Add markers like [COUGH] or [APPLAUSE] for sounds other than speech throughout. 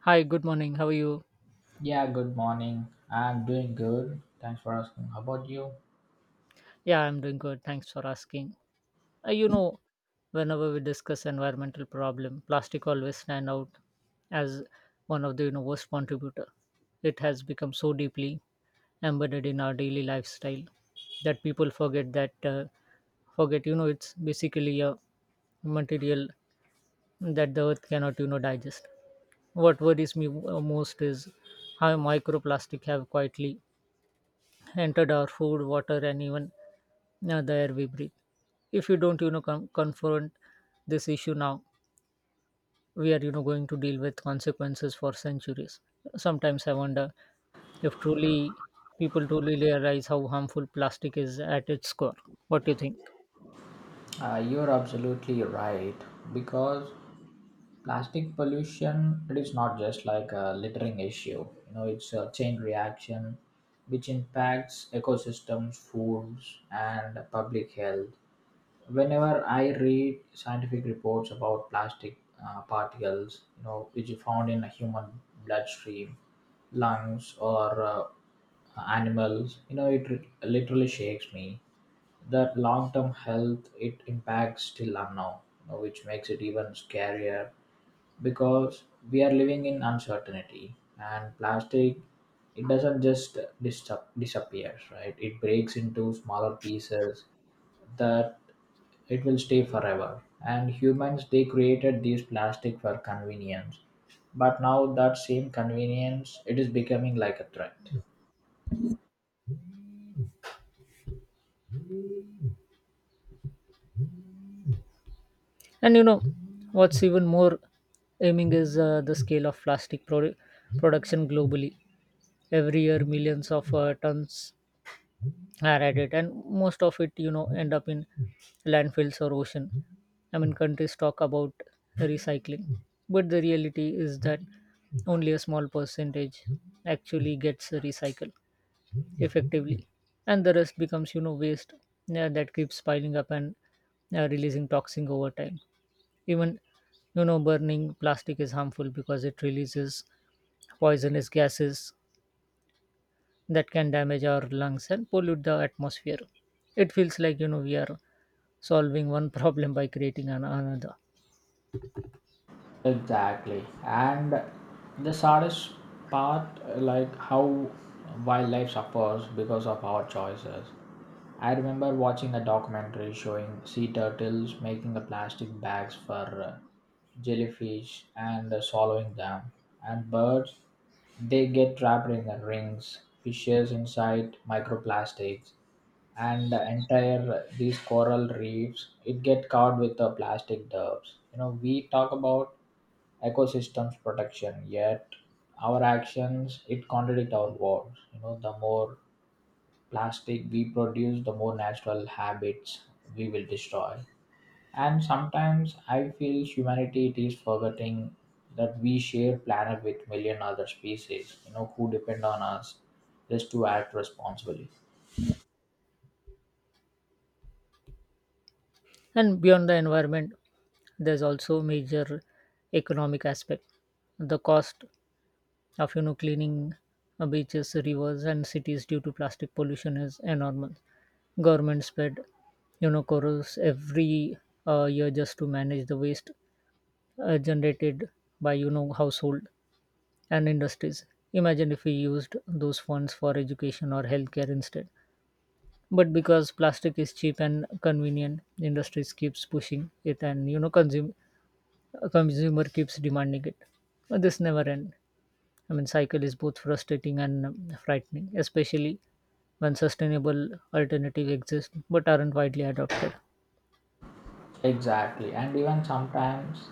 Hi, good morning. How are you? Yeah, good morning. I'm doing good. Thanks for asking. How about you? Yeah, I'm doing good. Thanks for asking. Uh, you know, Whenever we discuss environmental problem, plastic always stand out as one of the worst contributor. It has become so deeply embedded in our daily lifestyle that people forget that forget you know it's basically a material that the earth cannot digest. What worries me most is how microplastic have quietly entered our food, water, and even now the air we breathe. If you don't confront this issue now, we are, going to deal with consequences for centuries. Sometimes I wonder if truly people truly realize how harmful plastic is at its core. What do you think? You're absolutely right because plastic pollution it is not just like a littering issue. You know, it's a chain reaction which impacts ecosystems, foods, and public health. Whenever I read scientific reports about plastic particles, you know, which are found in a human bloodstream, lungs, or animals, you know, it literally shakes me that long-term health it impacts still unknown, you know, which makes it even scarier because we are living in uncertainty, and plastic it doesn't just disappear right, it breaks into smaller pieces that it will stay forever. And humans, they created these plastic for convenience, but now that same convenience it is becoming like a threat. And you know, what's even more aiming is the scale of plastic production globally. Every year, millions of tons I read it, and most of it, end up in landfills or ocean. I mean, countries talk about recycling, but the reality is that only a small percentage actually gets recycled effectively, and the rest becomes, waste, yeah, that keeps piling up and releasing toxin over time. Even, burning plastic is harmful because it releases poisonous gases that can damage our lungs and pollute the atmosphere. It feels like we are solving one [LAUGHS] problem by creating another. Exactly. And the saddest part, like how wildlife suffers because of our choices. I remember watching a documentary showing sea turtles making the plastic bags for uh, jellyfish and swallowing them. And birds, they get trapped in the rings, fishes inside microplastics, and the entire these coral reefs, it get covered with the plastic dubs. You know, we talk about ecosystems protection, yet our actions it contradict our words. You know, the more plastic we produce, the more natural habits we will destroy. And sometimes I feel humanity it is forgetting that we share planet with million other species, you know, who depend on us just to act responsibly. And beyond the environment, there's also major economic aspect. The cost of cleaning beaches, rivers, and cities due to plastic pollution is enormous. Governments spend corals every year just to manage the waste generated by household and industries. Imagine if we used those funds for education or healthcare instead. But because plastic is cheap and convenient, industries keeps pushing it, and consumer keeps demanding it. But this never end. I mean, cycle is both frustrating and frightening, especially when sustainable alternative exist but aren't widely adopted. Exactly, and even sometimes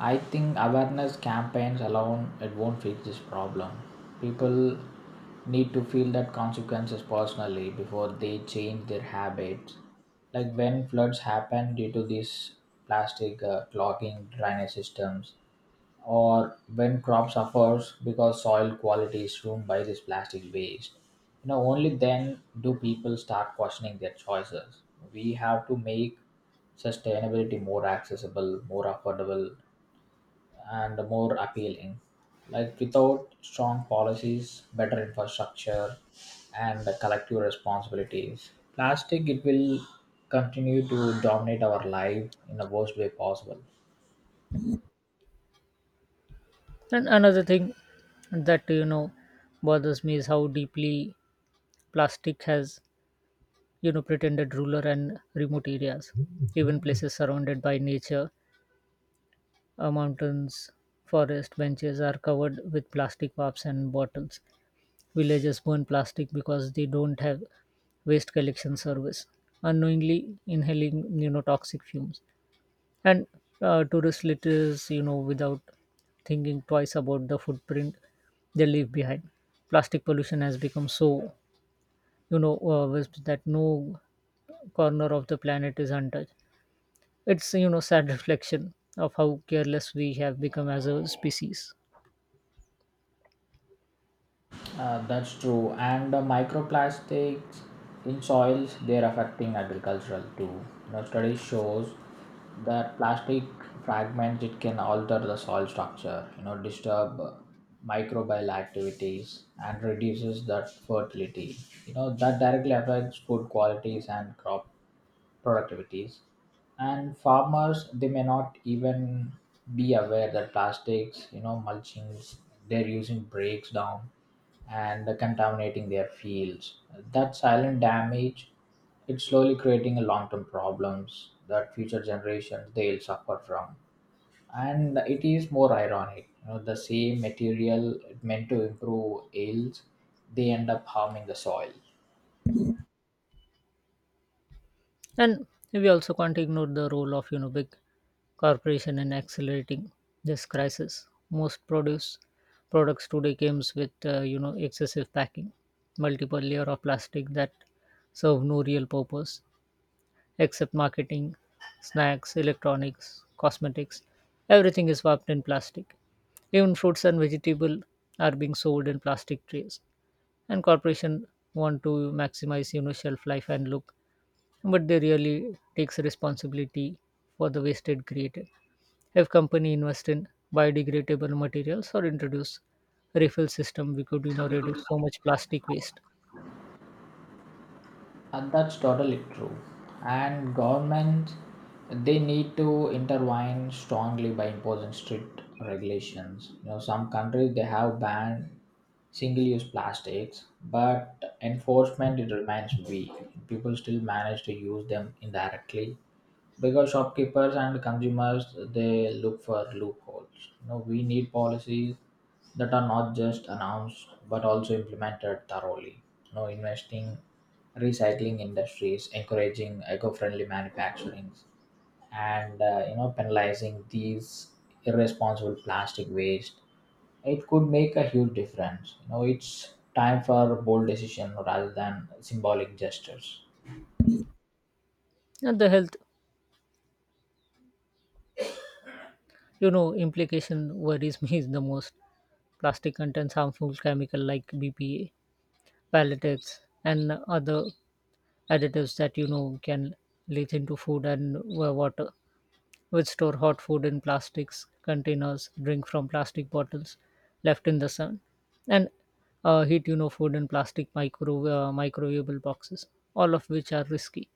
I think awareness campaigns alone it won't fix this problem. People need to feel that consequences personally before they change their habits. Like when floods happen due to these plastic clogging drainage systems, or when crop suffers because soil quality is ruined by this plastic waste, you know, only then do people start questioning their choices. We have to make sustainability more accessible, more affordable, and more appealing. Like without strong policies, better infrastructure, and the collective responsibilities, plastic it will continue to dominate our life in the worst way possible. And another thing that bothers me is how deeply plastic has pretended ruler and remote areas. Even places surrounded by nature, mountains, forest benches are covered with plastic cups and bottles. Villages burn plastic because they don't have waste collection service, unknowingly inhaling toxic fumes. And tourist litters, without thinking twice about the footprint they leave behind. Plastic pollution has become so vast that no corner of the planet is untouched. It's sad reflection of how careless we have become as a species, That's true. And the microplastics in soils, they're affecting agricultural too. You know, study shows that plastic fragments it can alter the soil structure. You know, disturb microbial activities and reduces that fertility. You know, that directly affects food qualities and crop productivities, and farmers they may not even be aware that plastics, you know, mulchings they're using breaks down and contaminating their fields. That silent damage it's slowly creating a long-term problems that future generations they'll suffer from. And it is more ironic, you know, the same material meant to improve yields, they end up harming the soil. and we also can't ignore the role of big corporation in accelerating this crisis. Most produce products today comes with excessive packing, multiple layer of plastic that serve no real purpose except marketing, snacks, electronics, cosmetics. Everything is wrapped in plastic. Even fruits and vegetables are being sold in plastic trays. And corporation want to maximize shelf life and look, but they really takes responsibility for the wasted created. If company invest in biodegradable materials or introduce refill system, we could reduce so much plastic waste. That's totally true. And governments they need to intervene strongly by imposing strict regulations. You know, some countries they have banned single-use plastics, but enforcement it remains weak. People still manage to use them indirectly because shopkeepers and consumers they look for loopholes. You know, we need policies that are not just announced but also implemented thoroughly. You know, investing recycling industries, encouraging eco-friendly manufacturing, and you know, penalizing these irresponsible plastic waste, it could make a huge difference. You know, it's time for bold decision rather than symbolic gestures. And the health implication worries [LAUGHS] me is the most. Plastic contains harmful chemical like BPA, palletics, and other additives that can leach into food and water, which store hot food in plastics containers, drink from plastic bottles left in the sun, and heat food in plastic microwavable boxes, all of which are risky.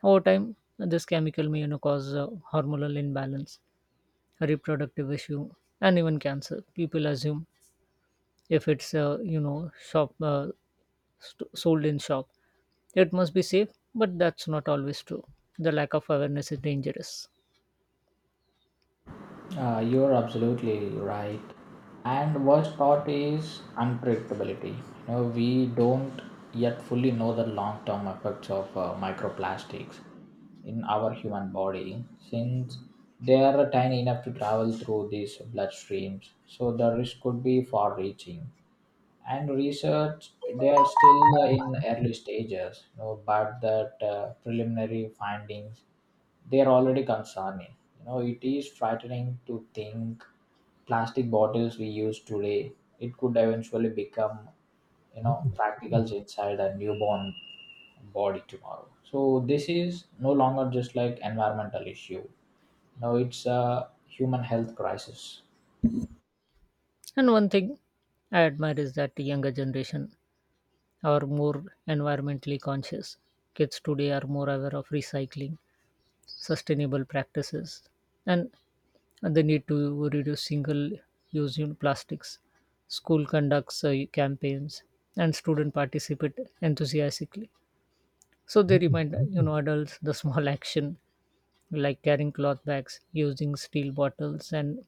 Over time, this chemical may cause hormonal imbalance, a reproductive issue, and even cancer. People assume if it's sold in shop, it must be safe, but that's not always true. The lack of awareness is dangerous. You're absolutely right. And worst part is unpredictability. You know, we don't yet fully know the long-term effects of microplastics in our human body, since they are tiny enough to travel through these bloodstreams. So the risk could be far-reaching, and research they are still in early stages. You know, but that preliminary findings they are already concerning. You know, it is frightening to think plastic bottles we use today, it could eventually become, you know, practicals inside a newborn body tomorrow. So this is no longer just like environmental issue. No, it's a human health crisis. And one thing I admire is that the younger generation are more environmentally conscious. Kids today are more aware of recycling, sustainable practices, and the need to reduce single use plastics. School conducts campaigns, and students participate enthusiastically. So they remind adults the small [LAUGHS] action like carrying cloth bags, using steel bottles, and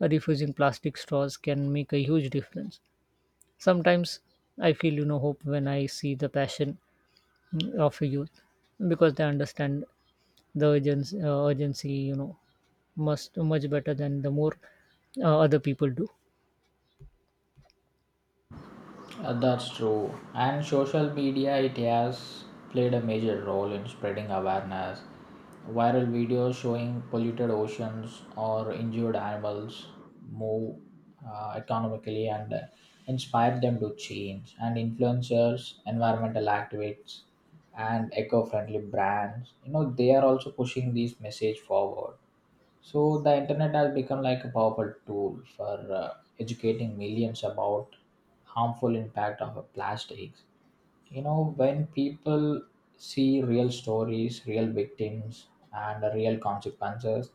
refusing plastic straws can make a huge difference. Sometimes I feel, hope when I see the passion, of a youth, because they understand the urgency, must much better than the more other people do. That's true. And social media, it has played a major role in spreading awareness. Viral videos showing polluted oceans or injured animals move economically and inspire them to change. And influencers, environmental activists, and eco-friendly brands, you know, they are also pushing this message forward. So the internet has become like a powerful tool for educating millions about harmful impact of plastics. You know, when people see real stories, real victims, and real consequences,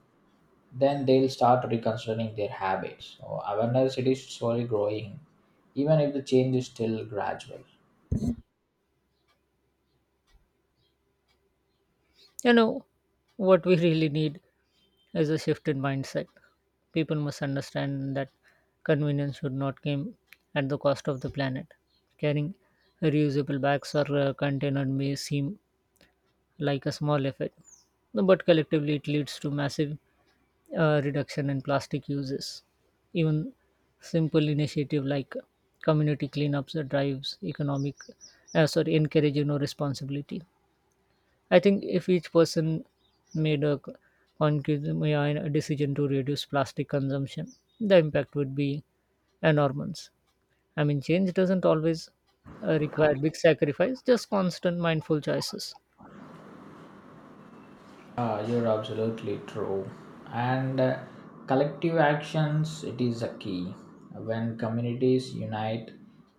then they'll start reconsidering their habits. So awareness it is slowly growing, even if the change is still gradual. You know what we really need is a shift in mindset. People must understand that convenience should not come at the cost of the planet. Carrying reusable bags or container may seem like a small effort, but collectively it leads to massive reduction in plastic uses. Even simple initiative like community cleanups or drives, economic, sorry, encourage responsibility. I think if each person made a conscious, yeah, a decision to reduce plastic consumption, the impact would be enormous. I mean, change doesn't always require big sacrifice; just constant mindful choices. You're absolutely true. And collective actions, it is a key. When communities unite,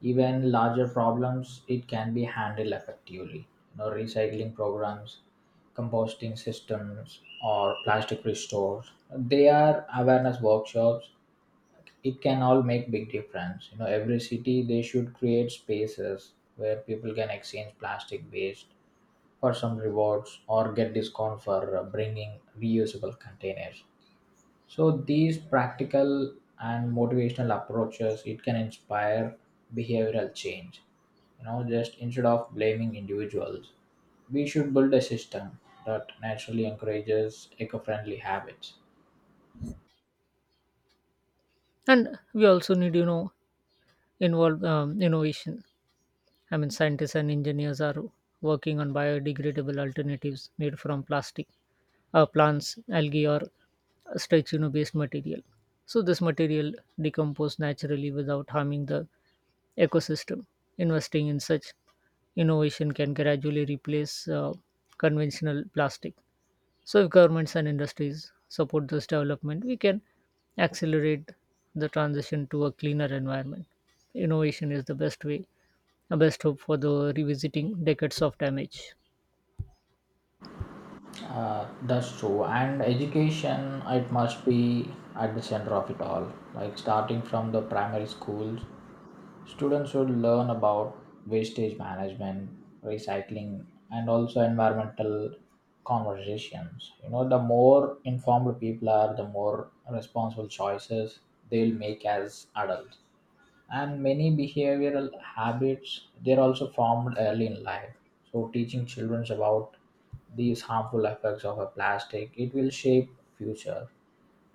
even larger problems, it can be handled effectively. You know, recycling programs, composting systems, or plastic restores. They are awareness workshops. It can all make big difference. You know, every city they should create spaces where people can exchange plastic waste for some rewards or get discount for bringing reusable containers. So these practical and motivational approaches it can inspire behavioral change. You know, just instead of blaming individuals, we should build a system that naturally encourages eco-friendly habits. And we also need, involve innovation. I mean, scientists and engineers are working on biodegradable alternatives made from plastic, plants, algae, or stretchino based material. So this material decomposes naturally without harming the ecosystem. Investing in such innovation can gradually replace conventional plastic. So if governments and industries support this development, we can accelerate the transition to a cleaner environment. Innovation is the best way, a best hope for the revisiting decades of damage. That's true. And education, it must be at the center of it all. Like starting from the primary schools, students should learn about wastage management, recycling, and also environmental conversations. You know, the more informed people are, the more responsible choices they'll make as adults. And many behavioral habits they're also formed early in life. So teaching children about these harmful effects of a plastic, it will shape future.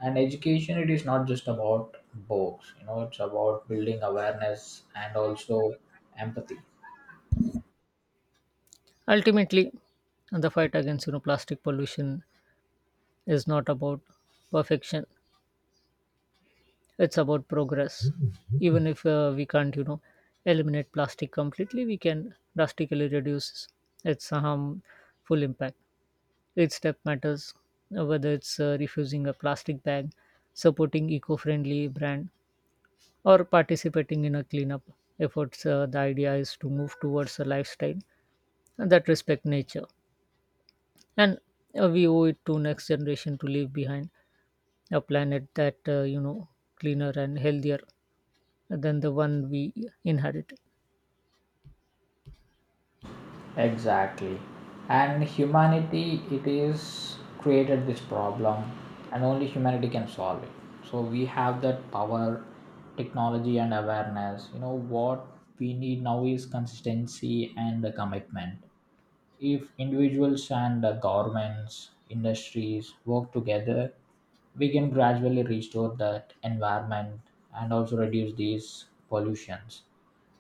And education it is not just about books. You know, it's about building awareness and also empathy. Ultimately, the fight against plastic pollution is not about perfection; it's about progress. [LAUGHS] Even if we can't eliminate plastic completely, we can drastically reduce its harmful impact. Each step matters, whether it's refusing a plastic bag, supporting eco-friendly brand, or participating in a cleanup efforts. The idea is to move towards a lifestyle that respect nature, and we owe it to next generation to leave behind a planet that cleaner and healthier than the one we inherit. Exactly. And humanity, it is created this problem, and only humanity can solve it. So we have that power, technology, and awareness. You know, what we need now is consistency and the commitment. If individuals and the governments, industries work together, we can gradually restore that environment and also reduce these pollutions.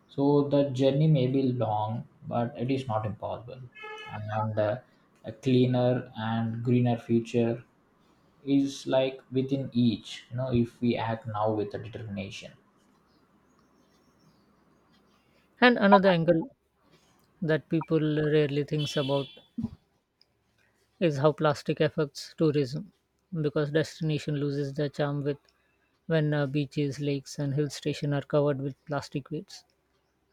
So the journey may be long, but it is not impossible. And a cleaner and greener future is like within each, you know, if we act now with a determination. And another angle that people rarely thinks about is how plastic affects tourism because destination loses their charm with when beaches, lakes and hill station are covered with plastic waste.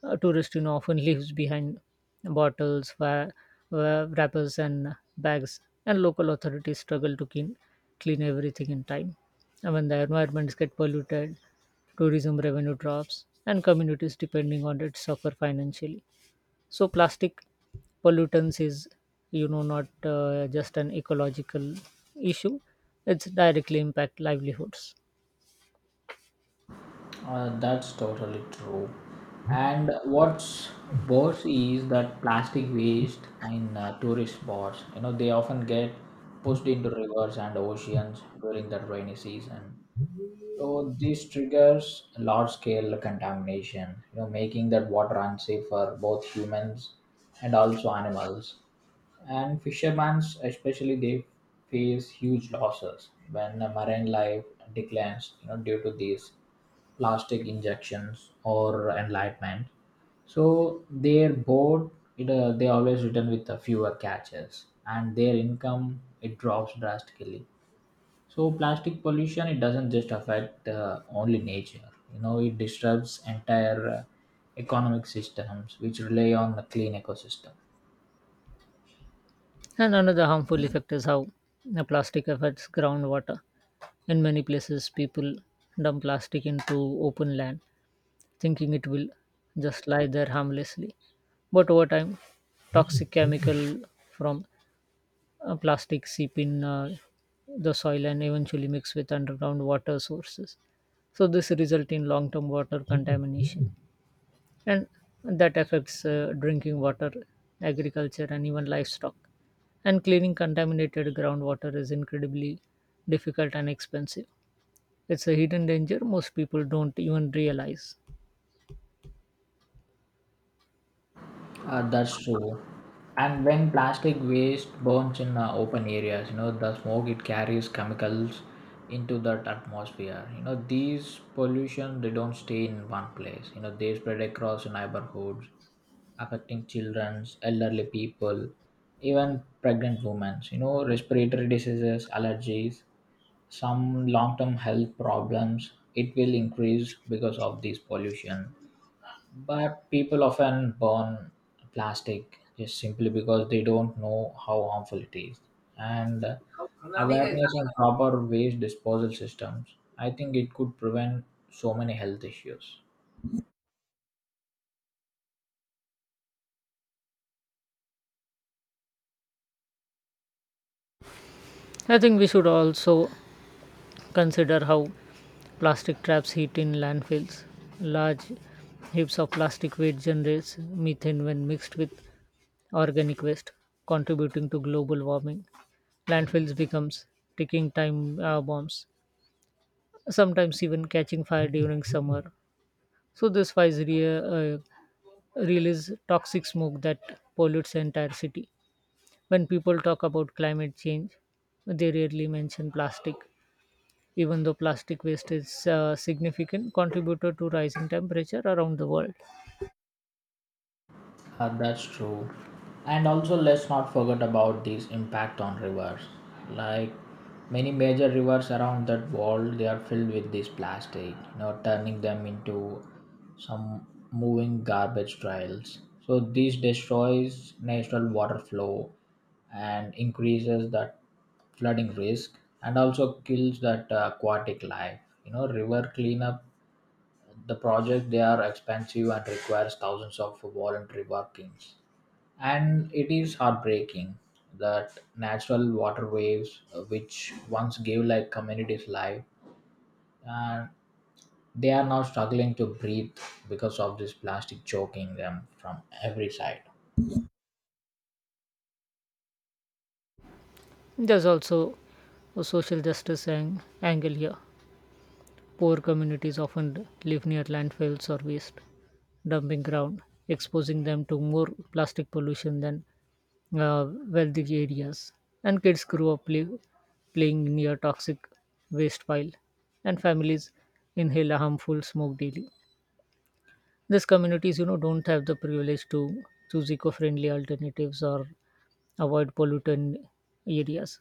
A tourist, often leaves behind bottles, wrappers, and bags, and local authorities struggle to clean everything in time. And when the environments get polluted, tourism revenue drops, and communities depending on it suffer financially. So plastic pollutants is, not just an ecological issue; it's directly impact livelihoods. That's totally true. And what's worse is that plastic waste in tourist spots, you know, they often get pushed into rivers and oceans during the rainy season. So this triggers large scale contamination, you know, making that water unsafe for both humans and also animals. And fishermen, especially, they face huge losses when the marine life declines, you know, due to these plastic injections or enlightenment. So their boat, it they always return with fewer catches, and their income it drops drastically. So plastic pollution it doesn't just affect only nature. You know, it disturbs entire economic systems which rely on a clean ecosystem. And another harmful effect is how plastic affects groundwater. In many places, people dump plastic into open land, thinking it will just lie there harmlessly. But over time, toxic chemical from plastic seep in the soil and eventually mix with underground water sources. So this result in long-term water contamination, and that affects drinking water, agriculture, and even livestock. And cleaning contaminated groundwater is incredibly difficult and expensive. It's a hidden danger most people don't even realize. That's true. And when plastic waste burns in open areas, you know, the smoke it carries chemicals into that atmosphere. You know, these pollution they don't stay in one place. You know, they spread across neighborhoods affecting children, elderly people, even pregnant women. You know, respiratory diseases, allergies, some long term health problems. It will increase because of this pollution. But people often burn plastic just simply because they don't know how harmful it is. And awareness and proper waste disposal systems, I think it could prevent so many health issues. I think we should also consider how plastic traps heat in landfills. Large heaps of plastic waste generates methane when mixed with organic waste, contributing to global warming. Landfills becomes ticking time bombs, sometimes even catching fire during summer. So this fires release toxic smoke that pollutes the entire city. When people talk about climate change, they rarely mention plastic, even though plastic waste is a significant contributor to rising temperature around the world. That's true. And also, let's not forget about this impact on rivers. Like many major rivers around that world, they are filled with this plastic, you know, turning them into some moving garbage trails. So this destroys natural water flow and increases that flooding risk and also kills that aquatic life. You know, river cleanup, the project, they are expensive and requires thousands of voluntary workings. And it is heartbreaking that natural waterways, which once gave like communities life, and they are now struggling to breathe because of this plastic choking them from every side. There's also a social justice angle here. Poor communities often live near landfills or waste dumping ground, exposing them to more plastic pollution than wealthy areas. And kids grew up playing near toxic waste pile, and families inhale a harmful smoke daily. These communities, don't have the privilege to choose eco-friendly alternatives or avoid pollutant areas.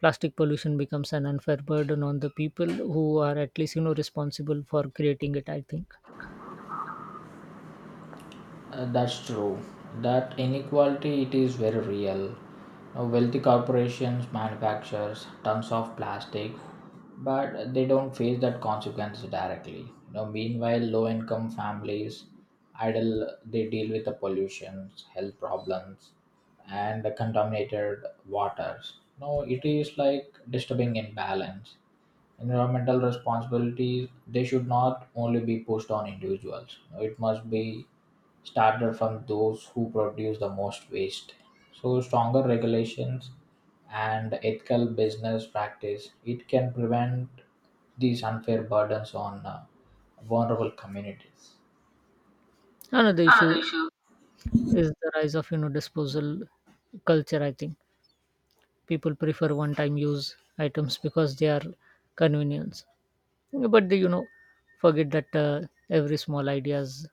Plastic pollution becomes an unfair burden on the people who are at least responsible for creating it, I think. That's true. That inequality it is very real. Now, wealthy corporations manufactures tons of plastic, but they don't face that consequence directly. Now, meanwhile, low-income families idle they deal with the pollutions, health problems, and the contaminated waters. No, it is like disturbing imbalance. Environmental responsibilities, they should not only be pushed on individuals. It must be started from those who produce the most waste. So stronger regulations and ethical business practice, it can prevent these unfair burdens on vulnerable communities. Another Another issue issue, is the rise of disposal culture. I think people prefer one-time use items because they are convenience, but they forget that every small ideas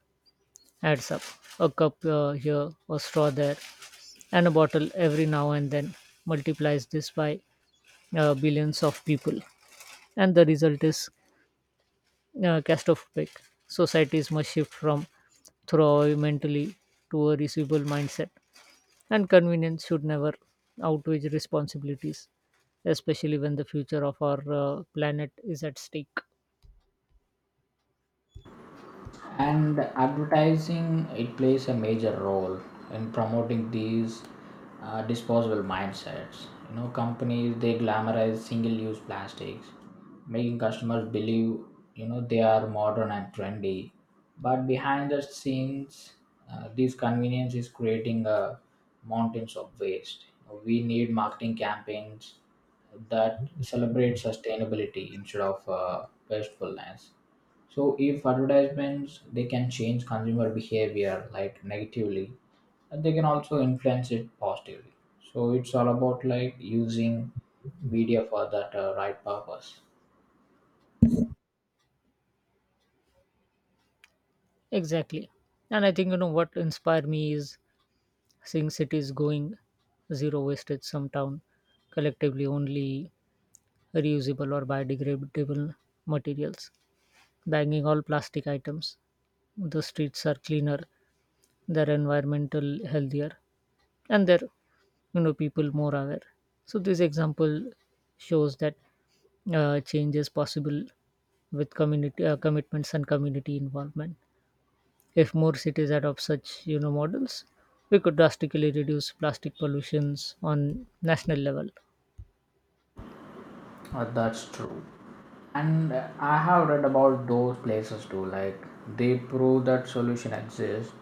adds up. A cup here, a straw there, and a bottle every now and then, multiplies this by billions of people, and the result is claustrophobic. Societies must shift from thrive mentally to a reasonable mindset, and convenience should never outweigh responsibilities, especially when the future of our planet is at stake. and advertising it plays a major role in promoting these disposable mindsets. You know, companies they glamorize single use plastics, making customers believe, you know, they are modern and trendy. But behind the scenes, this convenience is creating a mountains of waste. We need marketing campaigns that celebrate sustainability instead of wastefulness. So if advertisements they can change consumer behavior like negatively, and they can also influence it positively. So it's all about like using media for that right purpose. Exactly. And I think, what inspired me is seeing cities going zero wastage, some town collectively only reusable or biodegradable materials, banging all plastic items. The streets are cleaner, their environmental healthier, and their people more aware. So this example shows that change is possible with community commitments and community involvement. If more cities adopt such models, we could drastically reduce plastic pollutions on national level. That's true. And I have read about those places too. Like they prove that solution exists.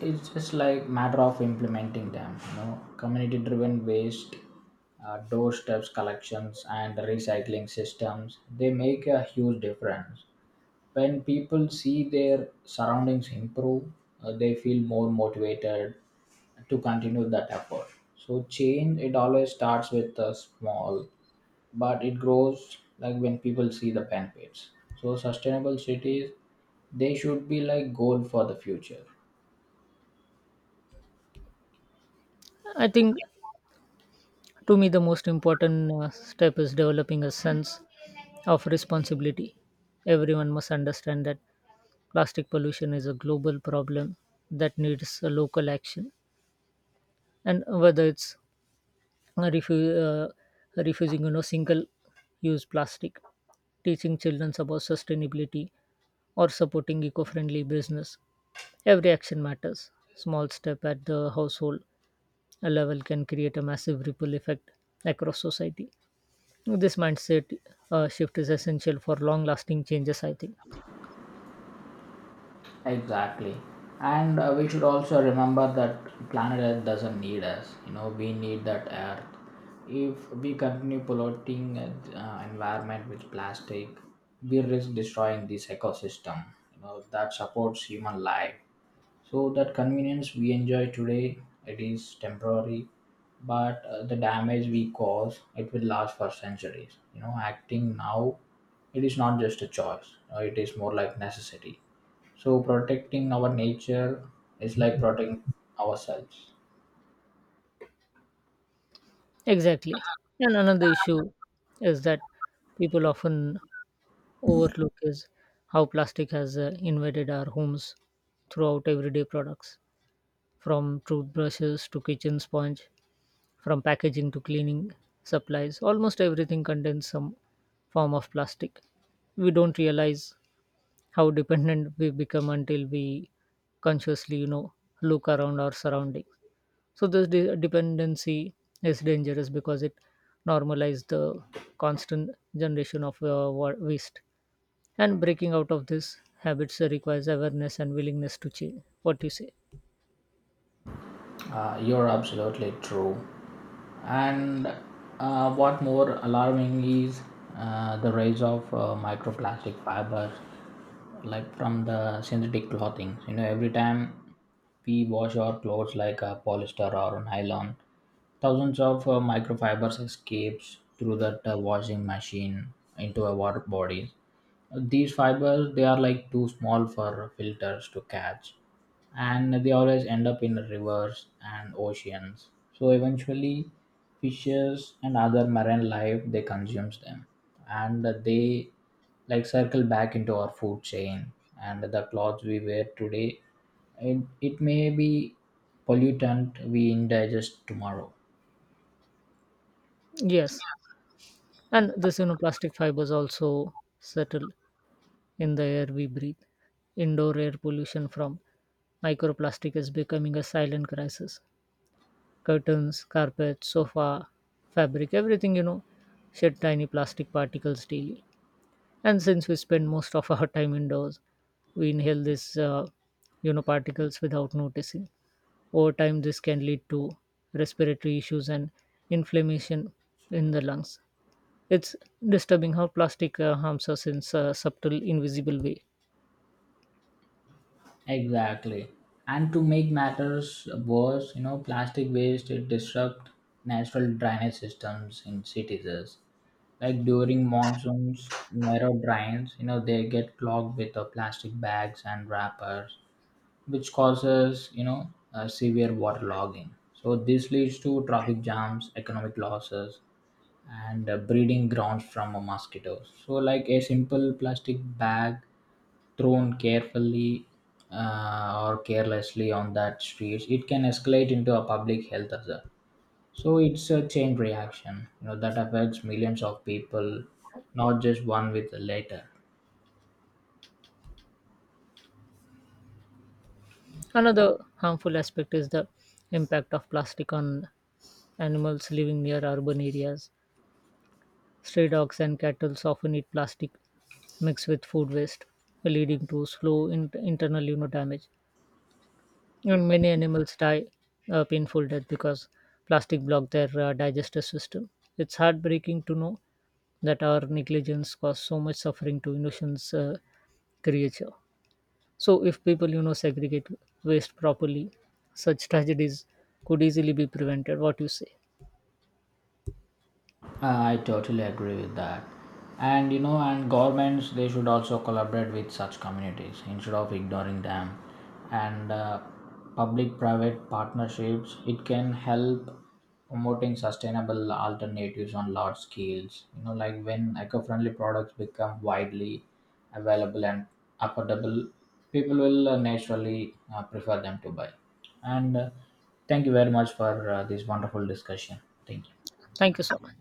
It's just like matter of implementing them. You know, community-driven waste, doorsteps collections, and recycling systems. They make a huge difference. When people see their surroundings improve, they feel more motivated to continue that effort. So change it always starts with a small, but it grows like when people see the benefits. So sustainable cities, they should be like goal for the future. I think to me the most important step is developing a sense of responsibility. Everyone must understand that plastic pollution is a global problem that needs a local action, and whether it's refu- uh, refusing, single-use plastic, teaching children about sustainability, or supporting eco-friendly business, every action matters. Small step at the household level can create a massive ripple effect across society. This mindset shift is essential for long-lasting changes, I think. Exactly. And we should also remember that planet Earth doesn't need us. You know, we need that Earth. If we continue polluting environment with plastic, we risk destroying this ecosystem. You know, that supports human life. So that convenience we enjoy today, it is temporary, but the damage we cause, it will last for centuries. You know, acting now, it is not just a choice. You know, it is more like necessity. So protecting our nature is like protecting ourselves. Exactly. And another issue is that people often overlook is how plastic has invaded our homes throughout everyday products, from toothbrushes to kitchen sponge, from packaging to cleaning supplies. Almost everything contains some form of plastic. We don't realize how dependent we become until we consciously, look around our surroundings. So this dependency is dangerous because it normalizes the constant generation of waste. And breaking out of this habits requires awareness and willingness to change. What do you say? You're absolutely true. And what more alarming is the rise of microplastic fibers, like from the synthetic clothing. You know, every time we wash our clothes, like a polyester or nylon, thousands of microfibers escapes through that washing machine into our bodies. These fibers they are like too small for filters to catch, and they always end up in rivers and oceans. So eventually fishes and other marine life they consumes them, and they like circle back into our food chain. And the clothes we wear today, it may be pollutant we indigest tomorrow. Yes, and this plastic fibers also settle in the air we breathe. Indoor air pollution from microplastic is becoming a silent crisis. Curtains, carpets, sofa, fabric, everything shed tiny plastic particles daily. And since we spend most of our time indoors, we inhale these particles without noticing. Over time, this can lead to respiratory issues and inflammation in the lungs. It's disturbing how plastic harms us in a subtle invisible way. Exactly. And to make matters worse, you know, plastic waste it disrupt natural drainage systems in cities. Like during monsoons, narrow drains, you know, they get clogged with the plastic bags and wrappers, which causes, you know, severe waterlogging. So this leads to traffic jams, economic losses, and breeding grounds from mosquitoes. So like a simple plastic bag thrown carefully or carelessly on that streets, it can escalate into a public health hazard. So it's a chain reaction, you know, that affects millions of people, not just one with the later. Another harmful aspect is the impact of plastic on animals living near urban areas. Stray dogs and cattle often eat plastic mixed with food waste, leading to slow internal damage. And many animals die a painful death because plastic block their digestive system. It's heartbreaking to know that our negligence caused so much suffering to innocent creature. So if people segregate waste properly, such tragedies could easily be prevented. What you say? I totally agree with that. And you know, and governments they should also collaborate with such communities instead of ignoring them. And public-private partnerships it can help promoting sustainable alternatives on large scales. You know, like when eco-friendly products become widely available and affordable, people will naturally prefer them to buy. And thank you very much for this wonderful discussion. Thank you. Thank you so much.